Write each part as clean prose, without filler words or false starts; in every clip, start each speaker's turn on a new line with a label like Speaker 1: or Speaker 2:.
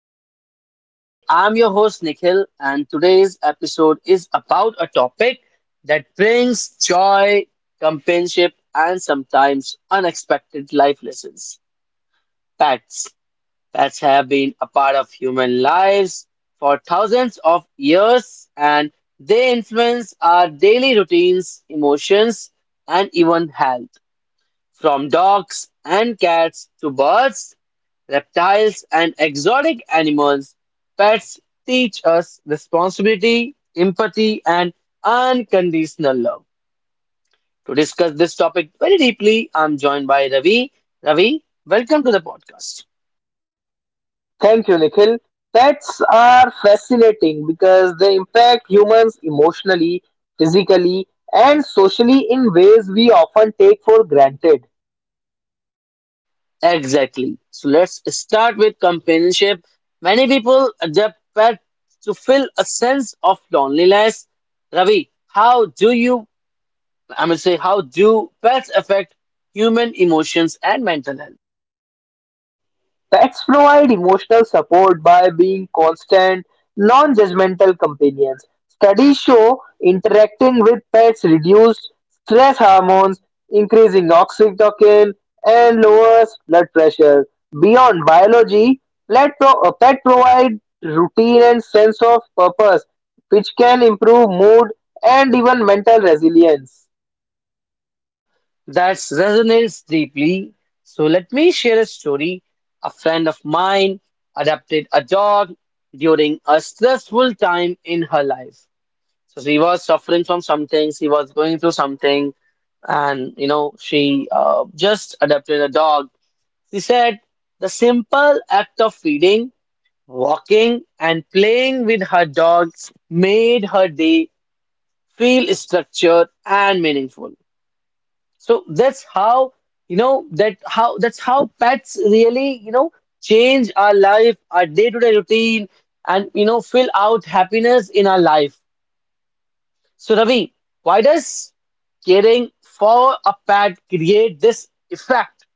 Speaker 1: Pause and Play. I'm your host, Nikhil, and today's episode is about a topic that brings joy, companionship, and sometimes unexpected life lessons: pets. Pets have been a part of human lives for thousands of years, and they influence our daily routines, emotions, and even health. From dogs and cats to birds, reptiles, and exotic animals, pets teach us responsibility, empathy, and unconditional love. To discuss this topic very deeply, I'm joined by Ravi. Ravi, welcome to the podcast.
Speaker 2: Thank you, Nikhil. Pets are fascinating because they impact humans emotionally, physically, and socially in ways we often take for granted.
Speaker 1: Exactly. So let's start with companionship. Many people adopt pets to fill a sense of loneliness. Ravi, how do you I'm going to say, how do pets affect human emotions and mental health?
Speaker 2: Pets provide emotional support by being constant, non-judgmental companions. Studies show interacting with pets reduces stress hormones, increasing oxytocin, and lowers blood pressure. Beyond biology, pet provide routine and sense of purpose, which can improve mood and even mental resilience.
Speaker 1: That resonates deeply. So let me share a story. A friend of mine adopted a dog during a stressful time in her life. So she was suffering from something, she was going through something, and she just adopted a dog. She said the simple act of feeding, walking, and playing with her dogs made her day feel structured and meaningful. So that's how pets really change our life, our day-to-day routine, and fill out happiness in our life. So Ravi, why does caring for a pet create this effect?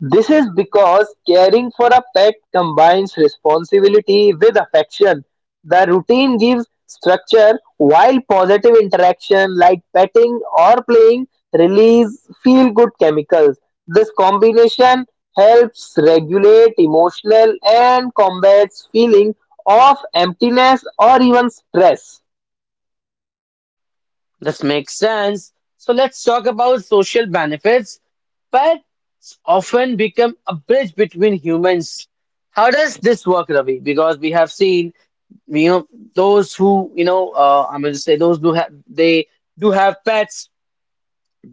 Speaker 2: This is because caring for a pet combines responsibility with affection. The routine gives structure while positive interaction like petting or playing release feel good chemicals. This combination helps regulate emotional and combats feeling of emptiness or even stress.
Speaker 1: This makes sense. So let's talk about social benefits. Pets often become a bridge between humans. How does this work, Ravi? Because we have seen, you know those who I'm going to say, those who have they do have pets,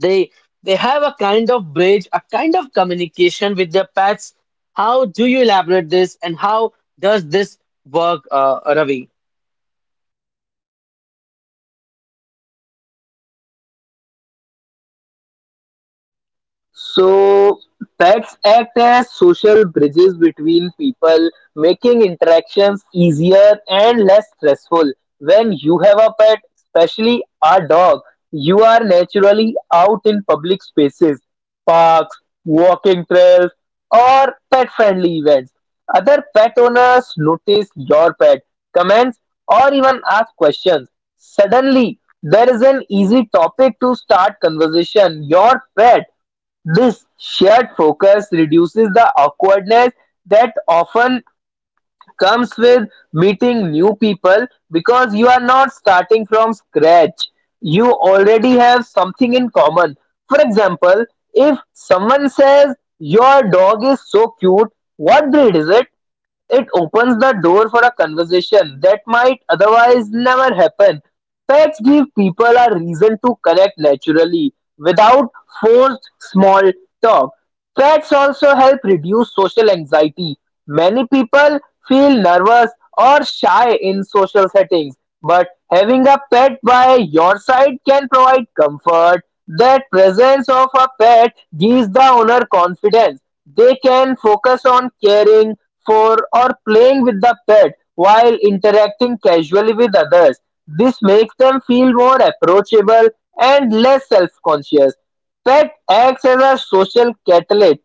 Speaker 1: they they have a kind of bridge, a kind of communication with their pets. How do you elaborate this, and how does this work, Ravi?
Speaker 2: So pets act as social bridges between people, making interactions easier and less stressful. When you have a pet, especially a dog, you are naturally out in public spaces, parks, walking trails, or pet friendly events. Other pet owners notice your pet, comments, or even ask questions. Suddenly, there is an easy topic to start conversation. Your pet, this shared focus reduces the awkwardness that often comes with meeting new people because you are not starting from scratch. You already have something in common. For example, if someone says, "Your dog is so cute, what breed is it?" It opens the door for a conversation that might otherwise never happen. Pets give people a reason to connect naturally, without forced small talk. Pets also help reduce social anxiety. Many people feel nervous or shy in social settings, but having a pet by your side can provide comfort. That presence of a pet gives the owner confidence. They can focus on caring for or playing with the pet while interacting casually with others. This makes them feel more approachable and less self-conscious. Pet acts as a social catalyst.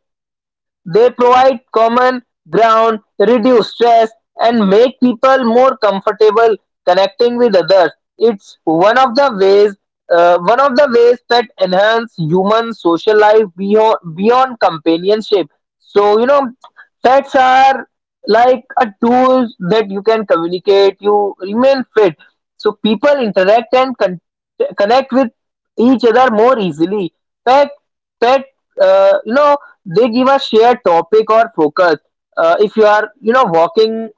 Speaker 2: They provide common ground, reduce stress, and make people more comfortable connecting with others. It's one of the ways that enhance human social life beyond companionship. So you know, pets are like a tool that you can communicate. You remain fit, so people interact and connect with each other more easily. Pet, pet, you know, they give a shared topic or focus. If you are, you know, walking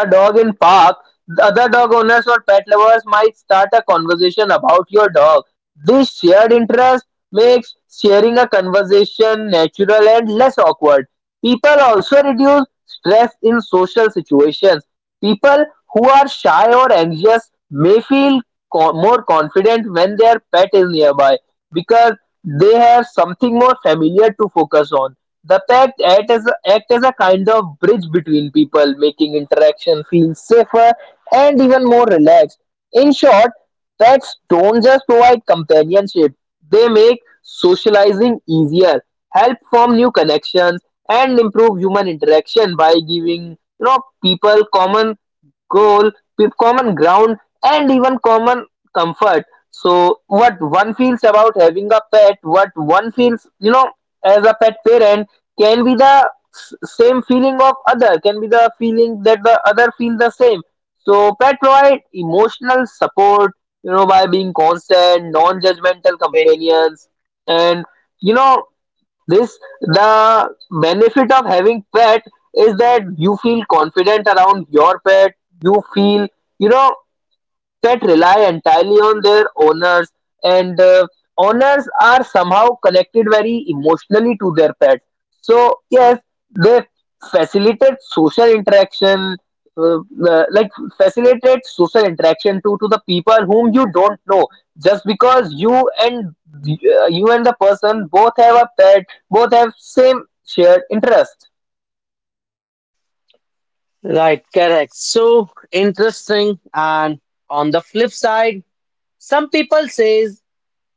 Speaker 2: a dog in park, the other dog owners or pet lovers might start a conversation about your dog. This shared interest makes sharing a conversation natural and less awkward. People also reduce stress in social situations. People who are shy or anxious may feel more confident when their pet is nearby because they have something more familiar to focus on. The pact act as a kind of bridge between people, making interaction feel safer and even more relaxed. In short, pacts don't just provide companionship, they make socializing easier, help form new connections, and improve human interaction by giving, you know, people common goal with common ground and even common comfort. So what one feels about having a pet, what one feels, you know, as a pet parent, can be the same feeling of other, can be the feeling that the other feel the same. So pet provide emotional support, you know, by being constant non-judgmental companions. And you know, this the benefit of having pet is that you feel confident around your pet. You feel, you know, that rely entirely on their owners, and owners are somehow connected very emotionally to their pets. So yes, they facilitate social interaction, uh, like facilitate social interaction to the people whom you don't know, just because you and the person both have a pet, both have same shared interest.
Speaker 1: Right, correct. So interesting. And on the flip side, some people says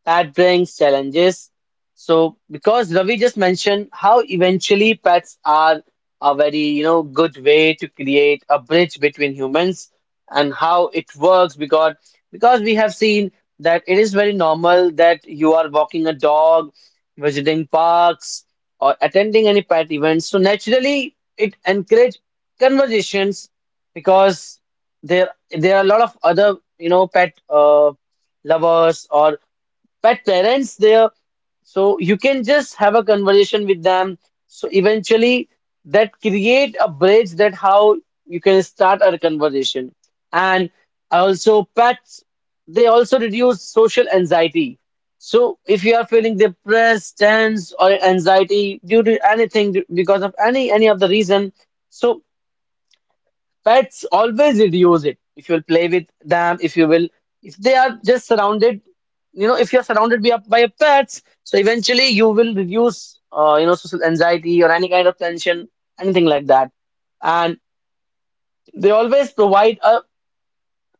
Speaker 1: that brings challenges. So, because Ravi just mentioned how eventually pets are a very, good way to create a bridge between humans and how it works. Because we have seen that it is very normal that you are walking a dog, visiting parks, or attending any pet events. So naturally, it encourage conversations, because there are a lot of other, pet lovers or pet parents there, so you can just have a conversation with them. So eventually, that create a bridge, that how you can start a conversation. And also, pets, they also reduce social anxiety. So if you are feeling depressed, tense, or anxiety due to anything, because of any of the reason, so pets always reduce it. If you'll play with them, if you will, if they are just surrounded, if you're surrounded by by your pets, so eventually you will reduce, social anxiety or any kind of tension, anything like that. And they always provide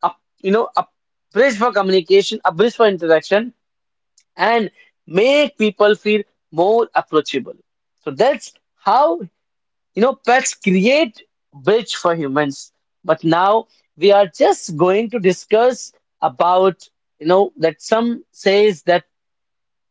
Speaker 1: a a bridge for communication, a bridge for interaction, and make people feel more approachable. So that's how, pets create bridge for humans. But now we are just going to discuss about, that some says that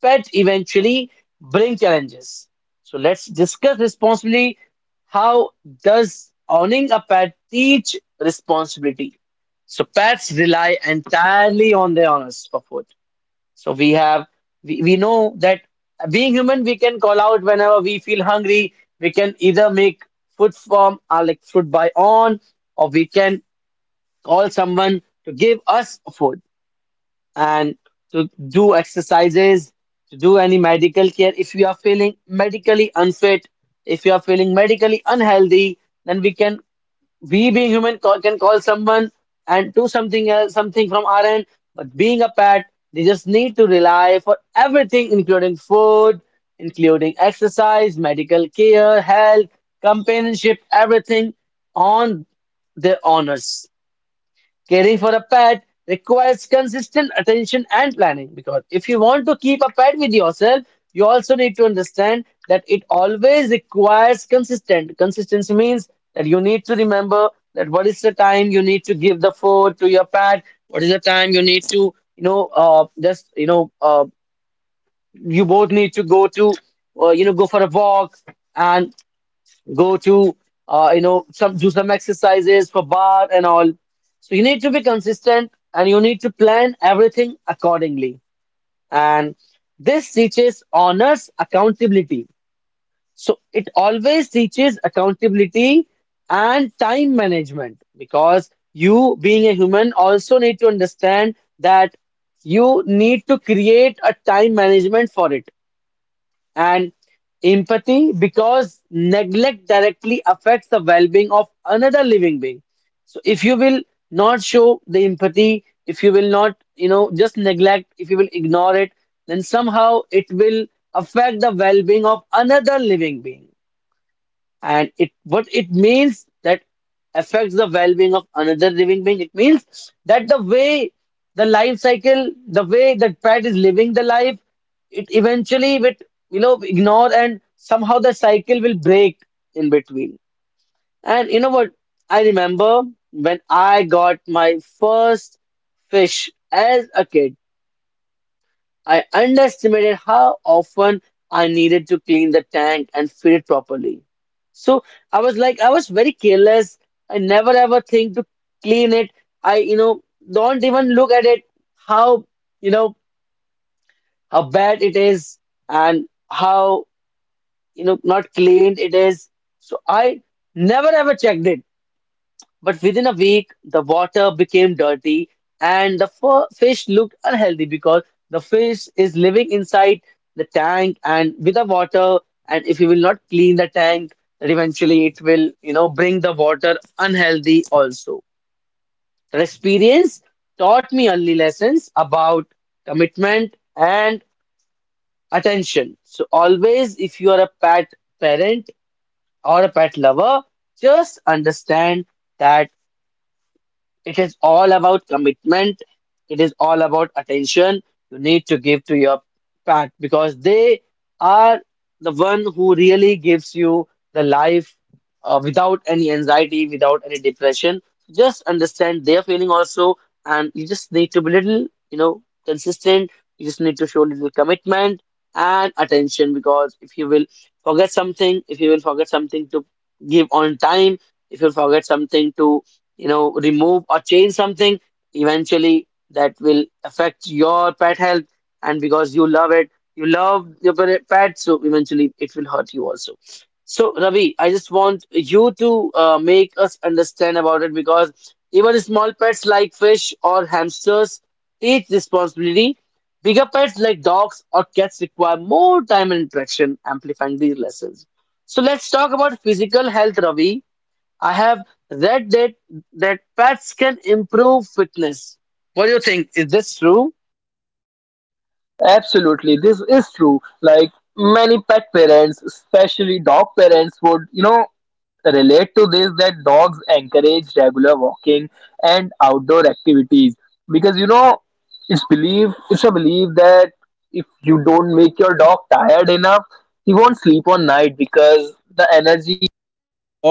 Speaker 1: pet eventually bring challenges. So let's discuss responsibly. How does owning a pet teach responsibility? So pets rely entirely on their owners for food. So we have, we know that being human, we can call out whenever we feel hungry. We can either make food from our like food by on, or we can call someone to give us food, and to do exercises, to do any medical care. If you are feeling medically unfit, if you are feeling medically unhealthy, then we being human can call someone and do something else, something from our end. But being a pet, they just need to rely for everything, including food, including exercise, medical care, health, companionship, everything, on their owners. Caring for a pet requires consistent attention and planning, because if you want to keep a pet with yourself, you also need to understand that it always requires consistent. Consistency means that you need to remember that what is the time you need to give the food to your pet, what is the time you need to, just, you both need to go to, you know, go for a walk, and go to, some do some exercises for bar and all. So you need to be consistent, and you need to plan everything accordingly. And this teaches honors accountability. So it always teaches accountability and time management, because you being a human also need to understand that you need to create a time management for it. And empathy, because neglect directly affects the well-being of another living being. So if you will not show the empathy, if you will not, just neglect, if you will ignore it, then somehow it will affect the well-being of another living being. And it what it means, that affects the well-being of another living being, it means that the way, the life cycle, the way that pet is living the life, it eventually with, ignore, and somehow the cycle will break in between. And you know what, I remember when I got my first fish as a kid, I underestimated how often I needed to clean the tank and feed it properly. So I was very careless. I never ever think to clean it. I don't even look at it, how, you know, how bad it is, and how not cleaned it is. So I never ever checked it. But within a week, the water became dirty and the fish looked unhealthy, because the fish is living inside the tank and with the water. And if you will not clean the tank, then eventually it will, bring the water unhealthy also. The experience taught me early lessons about commitment and attention. So always, if you are a pet parent or a pet lover, just understand that it is all about commitment. It is all about attention you need to give to your pet, because they are the one who really gives you the life, without any anxiety, without any depression. Just understand their feeling also, and you just need to be little, consistent. You just need to show little commitment and attention, because if you will forget something, if you will forget something to give on time, if you forget something to remove or change something, eventually that will affect your pet health. And because you love it, you love your pet, so eventually it will hurt you also. So Ravi, I just want you to make us understand about it, because even small pets like fish or hamsters teach responsibility. Bigger pets like dogs or cats require more time and interaction, amplifying these lessons. So let's talk about physical health, Ravi. I have read that pets can improve fitness. What do you think? Is this true?
Speaker 2: Absolutely, this is true. Like many pet parents, especially dog parents, would, you know, relate to this, that dogs encourage regular walking and outdoor activities. Because you know, it's belief, it's a belief that if you don't make your dog tired enough, he won't sleep on night, because the energy or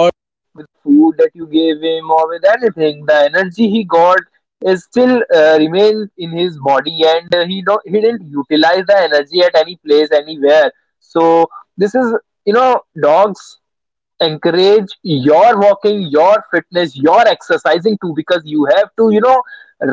Speaker 2: food that you gave him or with anything, the energy he got is still remained in his body, and he don't he didn't utilize the energy at any place anywhere. So this is, you know, dogs encourage your walking, your fitness, your exercising too, because you have to, you know,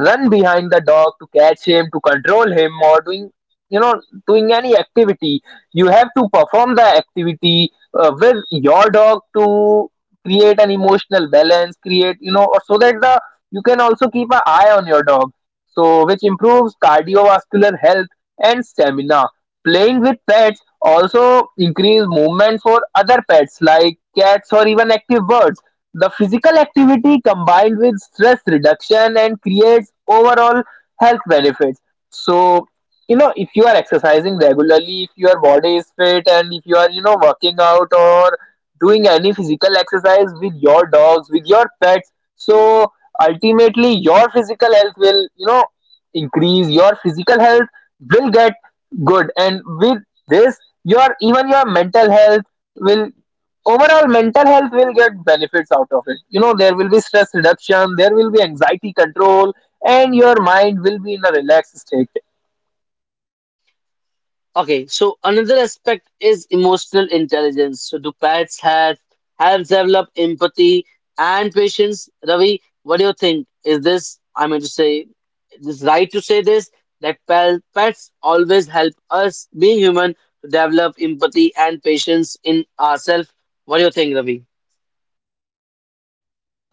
Speaker 2: run behind the dog to catch him, to control him, or doing, you know, doing any activity. You have to perform the activity with your dog to create an emotional balance, create, you know, or so that the you can also keep an eye on your dog, so which improves cardiovascular health and stamina. Playing with pets also increase movement for other pets like cats or even active birds. The physical activity combined with stress reduction and creates overall health benefits. So, you know, if you are exercising regularly, if your body is fit, and if you are, you know, working out or doing any physical exercise with your dogs, with your pets, so ultimately your physical health will, you know, increase. Your physical health will get good, and with this your even your mental health will overall mental health will get benefits out of it. You know, there will be stress reduction, there will be anxiety control, and your mind will be in a relaxed state.
Speaker 1: Okay, so another aspect is emotional intelligence. So do pets have helps develop empathy and patience? Ravi, what do you think? Is this I mean to say, this right to say this, that pets always help us being human to develop empathy and patience in ourselves? What do you think, Ravi?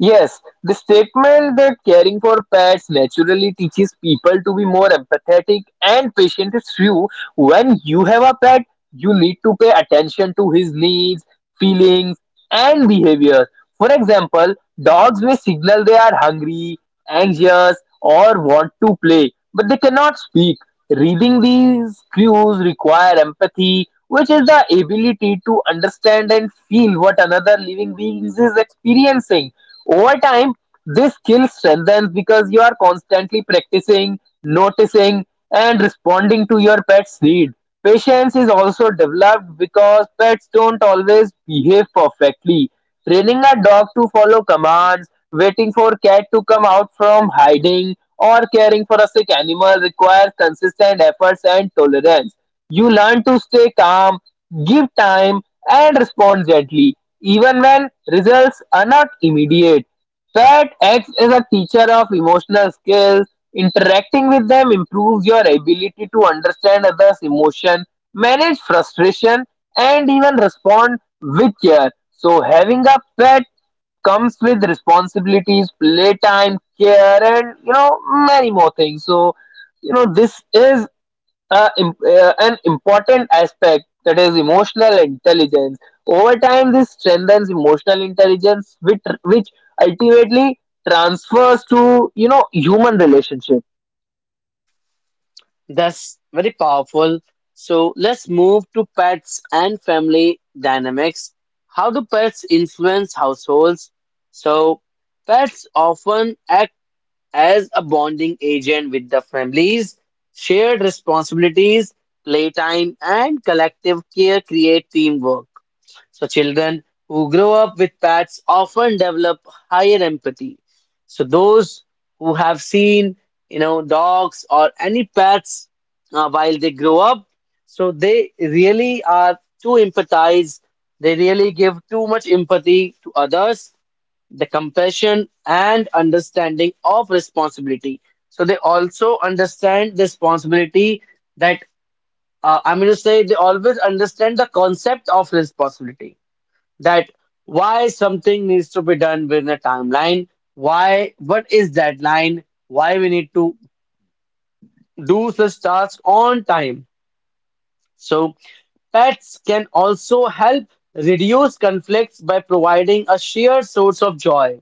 Speaker 2: Yes, the statement that caring for pets naturally teaches people to be more empathetic and patient is true. When you have a pet, you need to pay attention to his needs, feelings, and behavior. For example, dogs may signal they are hungry, anxious, or want to play, but they cannot speak. Reading these cues require empathy, which is the ability to understand and feel what another living being is experiencing. Over time, this skill strengthens because you are constantly practicing, noticing, and responding to your pet's need. Patience is also developed because pets don't always behave perfectly. Training a dog to follow commands, waiting for cat to come out from hiding, or caring for a sick animal requires consistent efforts and tolerance. You learn to stay calm, give time, and respond gently, even when results are not immediate. Pat acts as a teacher of emotional skills. Interacting with them improves your ability to understand others' emotion, manage frustration, and even respond with care. So having a pet comes with responsibilities, playtime, care, and you know many more things. So you know this is an important aspect that is emotional intelligence. Over time, this strengthens emotional intelligence, which ultimately transfers to, you know, human relationships.
Speaker 1: That's very powerful. So let's move to pets and family dynamics. How do pets influence households? So, pets often act as a bonding agent with the families. Shared responsibilities, playtime, and collective care create teamwork. So children who grow up with pets often develop higher empathy. So those who have seen, dogs or any pets, while they grow up, so they really are too empathized. They really give too much empathy to others, the compassion and understanding of responsibility. So they also understand the responsibility, that I'm going to say, they always understand the concept of responsibility, that why something needs to be done within a timeline, why, what is that line, why we need to do such tasks on time. So pets can also help reduce conflicts by providing a shared source of joy.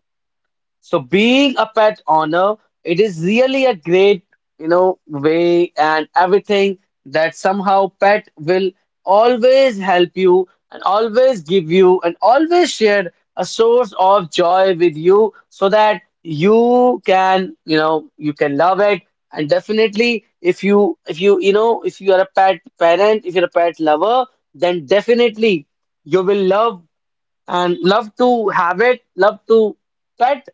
Speaker 1: So being a pet owner, it is really a great, way and everything, that somehow pet will always help you and always give you and always share a source of joy with you, so that you can love it. And definitely, if you are a pet parent, if you're a pet lover, then definitely you will love and love to have it, love to pet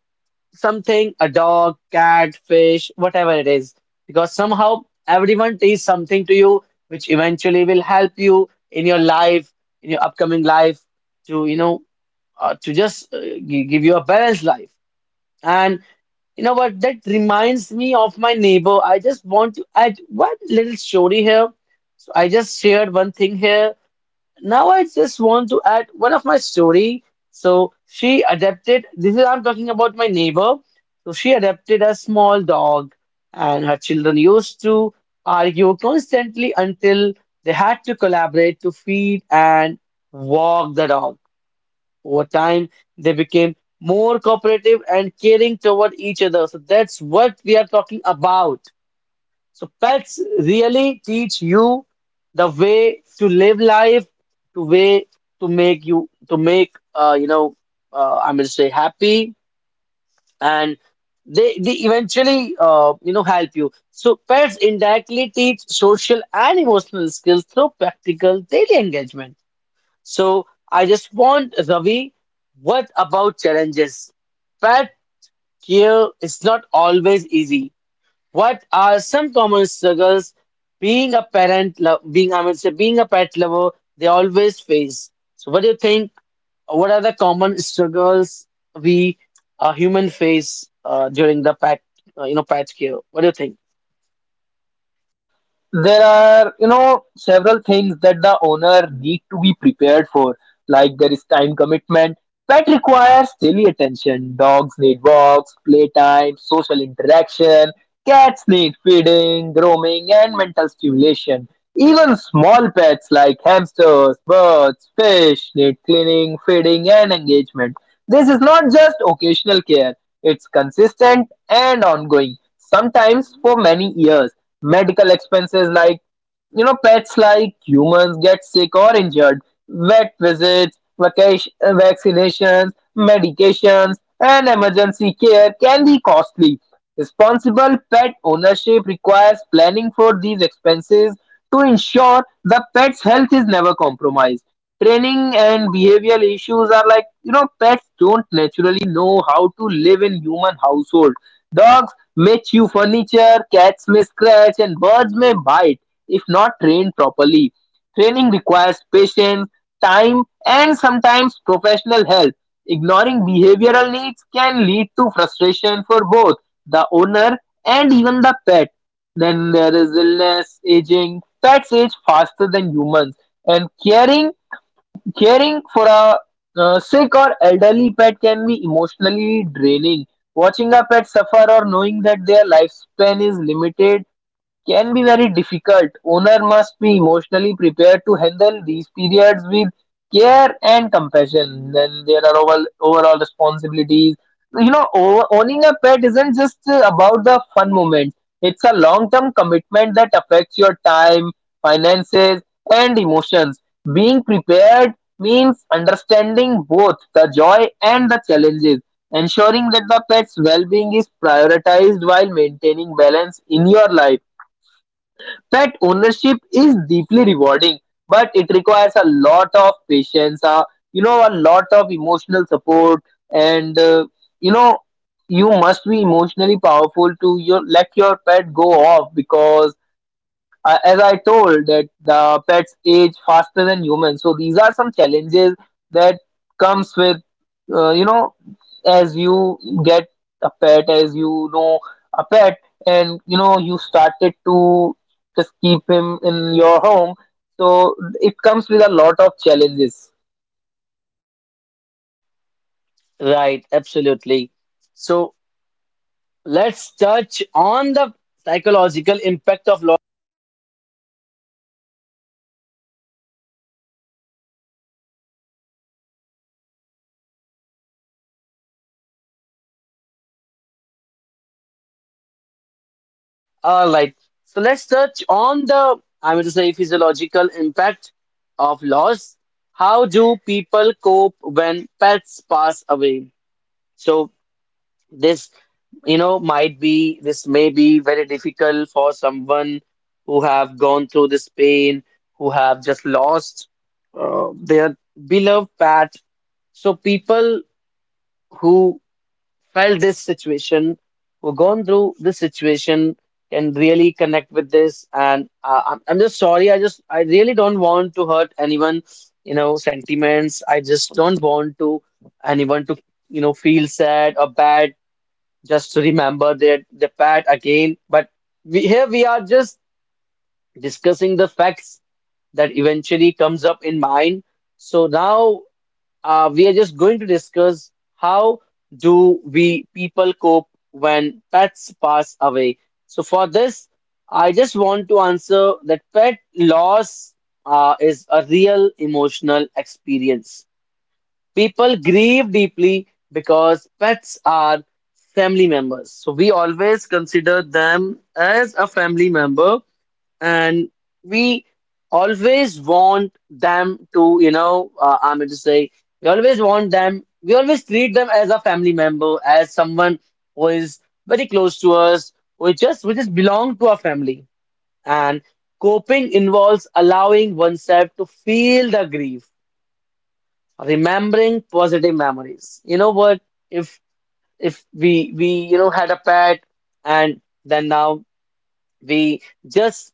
Speaker 1: something, a dog, cat, fish, whatever it is. Because somehow everyone teaches something to you, which eventually will help you in your life, in your upcoming life, to, you know, to give you a balanced life. And you know what? That reminds me of my neighbor. I just want to add one little story here. So I just shared one thing here, now I just want to add one of my story. So she adapted. This is, I'm talking about my neighbor. So she adapted a small dog, and her children used to argue constantly until they had to collaborate to feed and walk the dog. Over time, they became more cooperative and caring toward each other. So that's what we are talking about. So pets really teach you the way to live life, to way to make you to make, I'm gonna say happy, and they eventually help you. So pets indirectly teach social and emotional skills through practical daily engagement. So I just want, Ravi, what about challenges? Pet care is not always easy. What are some common struggles being a parent, being, I mean, say, being a pet lover, they always face? So, what do you think? What are the common struggles we, human face during the pet, you know, pet care? What do you think?
Speaker 2: There are, you know, several things that the owner need to be prepared for. Like there is time commitment. Pet requires daily attention. Dogs need walks, playtime, social interaction. Cats need feeding, grooming, and mental stimulation. Even small pets like hamsters, birds, fish need cleaning, feeding, and engagement. This is not just occasional care, it's consistent and ongoing, sometimes for many years. Medical expenses, like you know, pets like humans get sick or injured. Vet visits, vacation, vaccinations, medications, and emergency care can be costly. Responsible pet ownership requires planning for these expenses to ensure the pet's health is never compromised. Training and behavioral issues are, like you know, pets don't naturally know how to live in human household. Dogs Matthew furniture, cats may scratch, and birds may bite if not trained properly. Training requires patience, time, and sometimes professional help. Ignoring behavioral needs can lead to frustration for both the owner and even the pet. Then there is illness, aging. Pets age faster than humans, and caring for a sick or elderly pet can be emotionally draining. Watching a pet suffer or knowing that their lifespan is limited can be very difficult. Owner must be emotionally prepared to handle these periods with care and compassion. Then there are overall responsibilities. You know, owning a pet isn't just about the fun moments. It's a long-term commitment that affects your time, finances, and emotions. Being prepared means understanding both the joy and the challenges, ensuring that the pet's well-being is prioritized while maintaining balance in your life. Pet ownership is deeply rewarding, but it requires a lot of patience, you know, a lot of emotional support, and you know, you must be emotionally powerful to your let your pet go off, because as I told that the pets age faster than humans. So these are some challenges that comes with, you know, as you get a pet, as you know a pet, and you know you started to just keep him in your home. So it comes with a lot of challenges.
Speaker 1: Right, absolutely. So, let's touch on the psychological impact of— All right. So let's touch on the, I mean to say, physiological impact of loss. How do people cope when pets pass away? So this, you know, might be, this may be very difficult for someone who have gone through this pain, who have just lost their beloved pet. So people who felt this situation, who've gone through this situation, can really connect with this. And I'm just sorry. I just, I really don't want to hurt anyone, you know, sentiments. I just don't want to anyone to, you know, feel sad or bad just to remember their the past again. But here we are just discussing the facts that eventually comes up in mind. So now, we are just going to discuss how do we people cope when pets pass away. So for this, I just want to answer that pet loss is a real emotional experience. People grieve deeply because pets are family members. So we always consider them as a family member, and we always want them to, you know, I mean to say, we always want them, we always treat them as a family member, as someone who is very close to us, who just, we just belong to our family. And coping involves allowing oneself to feel the grief, remembering positive memories. You know what, if if we you know had a pet and then now we just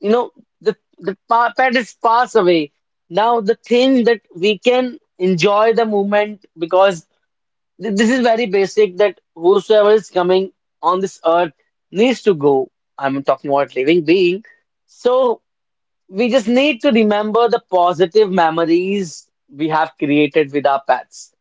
Speaker 1: you know pet is passed away, now the thing that we can enjoy the moment, because this is very basic that whosoever is coming on this earth needs to go. I'm talking about living being. So we just need to remember the positive memories we have created with our pets.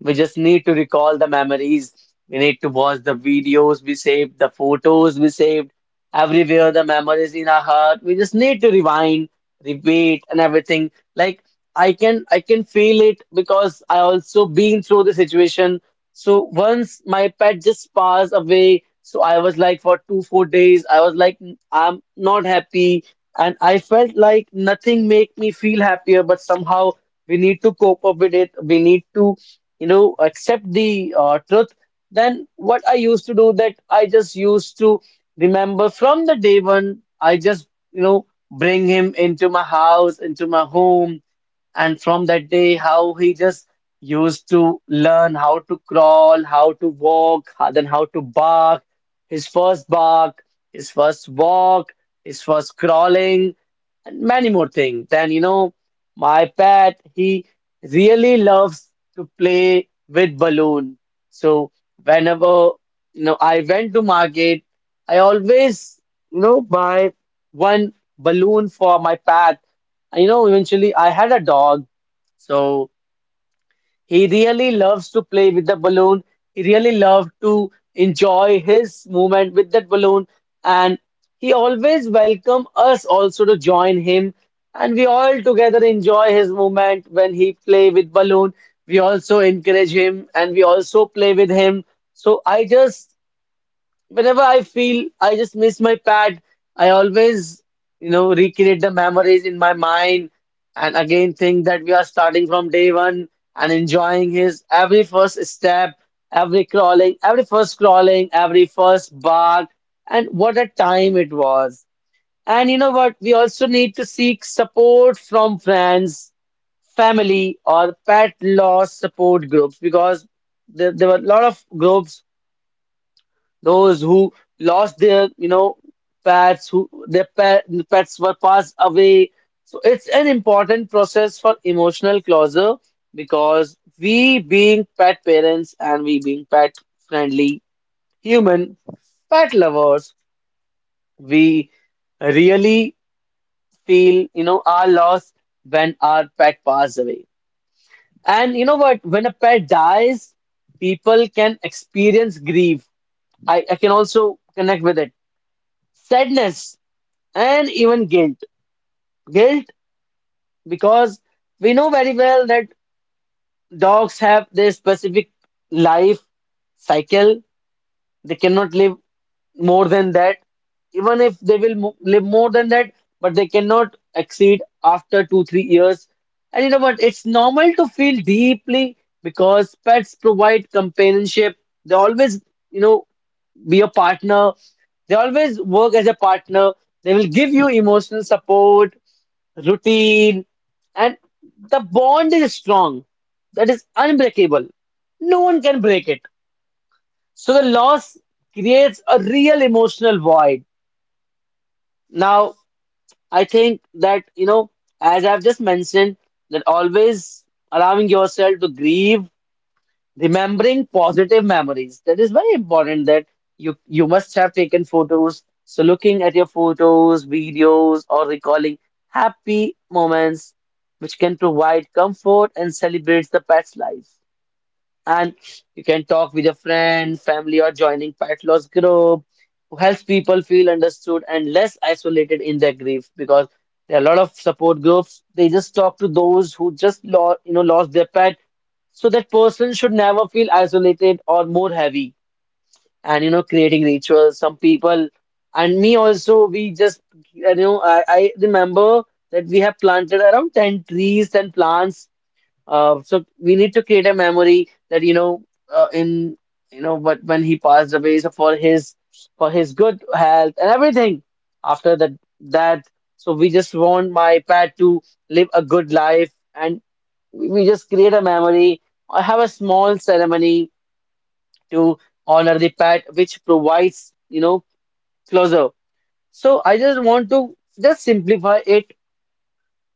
Speaker 1: We just need to recall the memories. We need to watch the videos we saved, the photos we saved, everywhere the memories in our heart. We just need to rewind, repeat, and everything. Like I can feel it because I also been through the situation. So once my pet just passed away, so I was like for two, 4 days, I was like, "Mm, I'm not happy. And I felt like nothing make me feel happier, but somehow we need to cope up with it. We need to, you know, accept the truth. Then what I used to do that I just used to remember from the day one. I just, you know, bring him into my house, into my home, and from that day, how he just used to learn how to crawl, how to walk, then how to bark, his first walk, his first crawling, and many more things. Then, you know, my pet, he really loves to play with balloon. So whenever, you know, I went to market, I always, you know, buy one balloon for my pet. And, you know, eventually I had a dog, so he really loves to play with the balloon. He really loved to enjoy his movement with that balloon. And he always welcome us also to join him. And we all together enjoy his movement when he play with balloon. We also encourage him and we also play with him. So I just, whenever I feel I just miss my pad, I always, you know, recreate the memories in my mind and again think that we are starting from day one and enjoying his every first step, every crawling, every first bark, and what a time it was. And you know what? We also need to seek support from friends, family, or pet loss support groups, because there were a lot of groups, those who lost their, you know, pets, who their pets were passed away. So it's an important process for emotional closure, because we being pet parents and we being pet friendly, human, pet lovers, we really feel, you know, our loss when our pet passed away. And you know what, when a pet dies, people can experience grief. I can also connect with it. Sadness, and even guilt. Guilt because we know very well that dogs have their specific life cycle. They cannot live more than that. Even if they will mo live more than that, but they cannot exceed after two, 3 years. And you know what? It's normal to feel deeply because pets provide companionship. They always, you know, be a partner. They always work as a partner. They will give you emotional support, routine, and the bond is strong. That is unbreakable. No one can break it. So the loss creates a real emotional void. Now, I think that, you know, as I've just mentioned, that always allowing yourself to grieve, remembering positive memories. That is very important that you must have taken photos. So looking at your photos, videos, or recalling happy moments which can provide comfort and celebrates the pet's life. And you can talk with your friend, family, or joining pet loss group, who helps people feel understood and less isolated in their grief, because there are a lot of support groups. They just talk to those who just lost, you know, lost their pet. So that person should never feel isolated or more heavy. And you know, creating rituals. Some people and me also, we just, you know, I remember that we have planted around 10 trees, 10 plants, so we need to create a memory that you know in you know, but when he passed away, so for his, for his good health and everything, after that, that, so we just want my pet to live a good life, and we just create a memory or have a small ceremony to honor the pet, which provides, you know, closure. So I just want to just simplify it.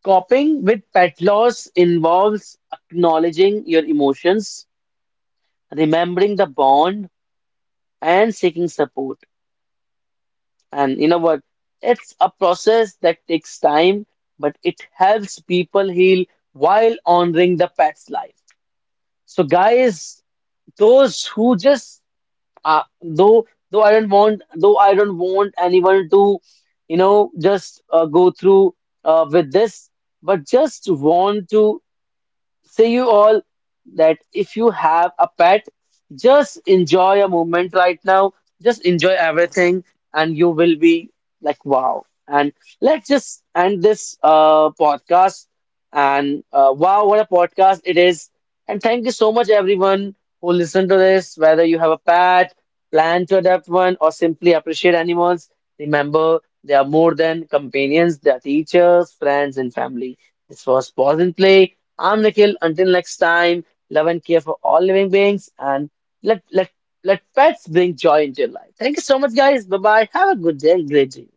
Speaker 1: Coping with pet loss involves acknowledging your emotions, remembering the bond, and seeking support. And you know what? It's a process that takes time, but it helps people heal while honoring the pet's life. So, guys, those who just though I don't want, though I don't want anyone to, you know, just go through with this, but just want to say you all that if you have a pet, just enjoy a moment right now. Just enjoy everything, and you will be like, wow. And let's just end this podcast. And wow, what a podcast it is. And thank you so much, everyone who listened to this, whether you have a pet, plan to adopt one, or simply appreciate animals. Remember, they are more than companions, they are teachers, friends, and family. This was Pause and Play. I'm Nikhil. Until next time, love and care for all living beings, and let let let pets bring joy into your life. Thank you so much, guys. Bye bye. Have a good day and great day.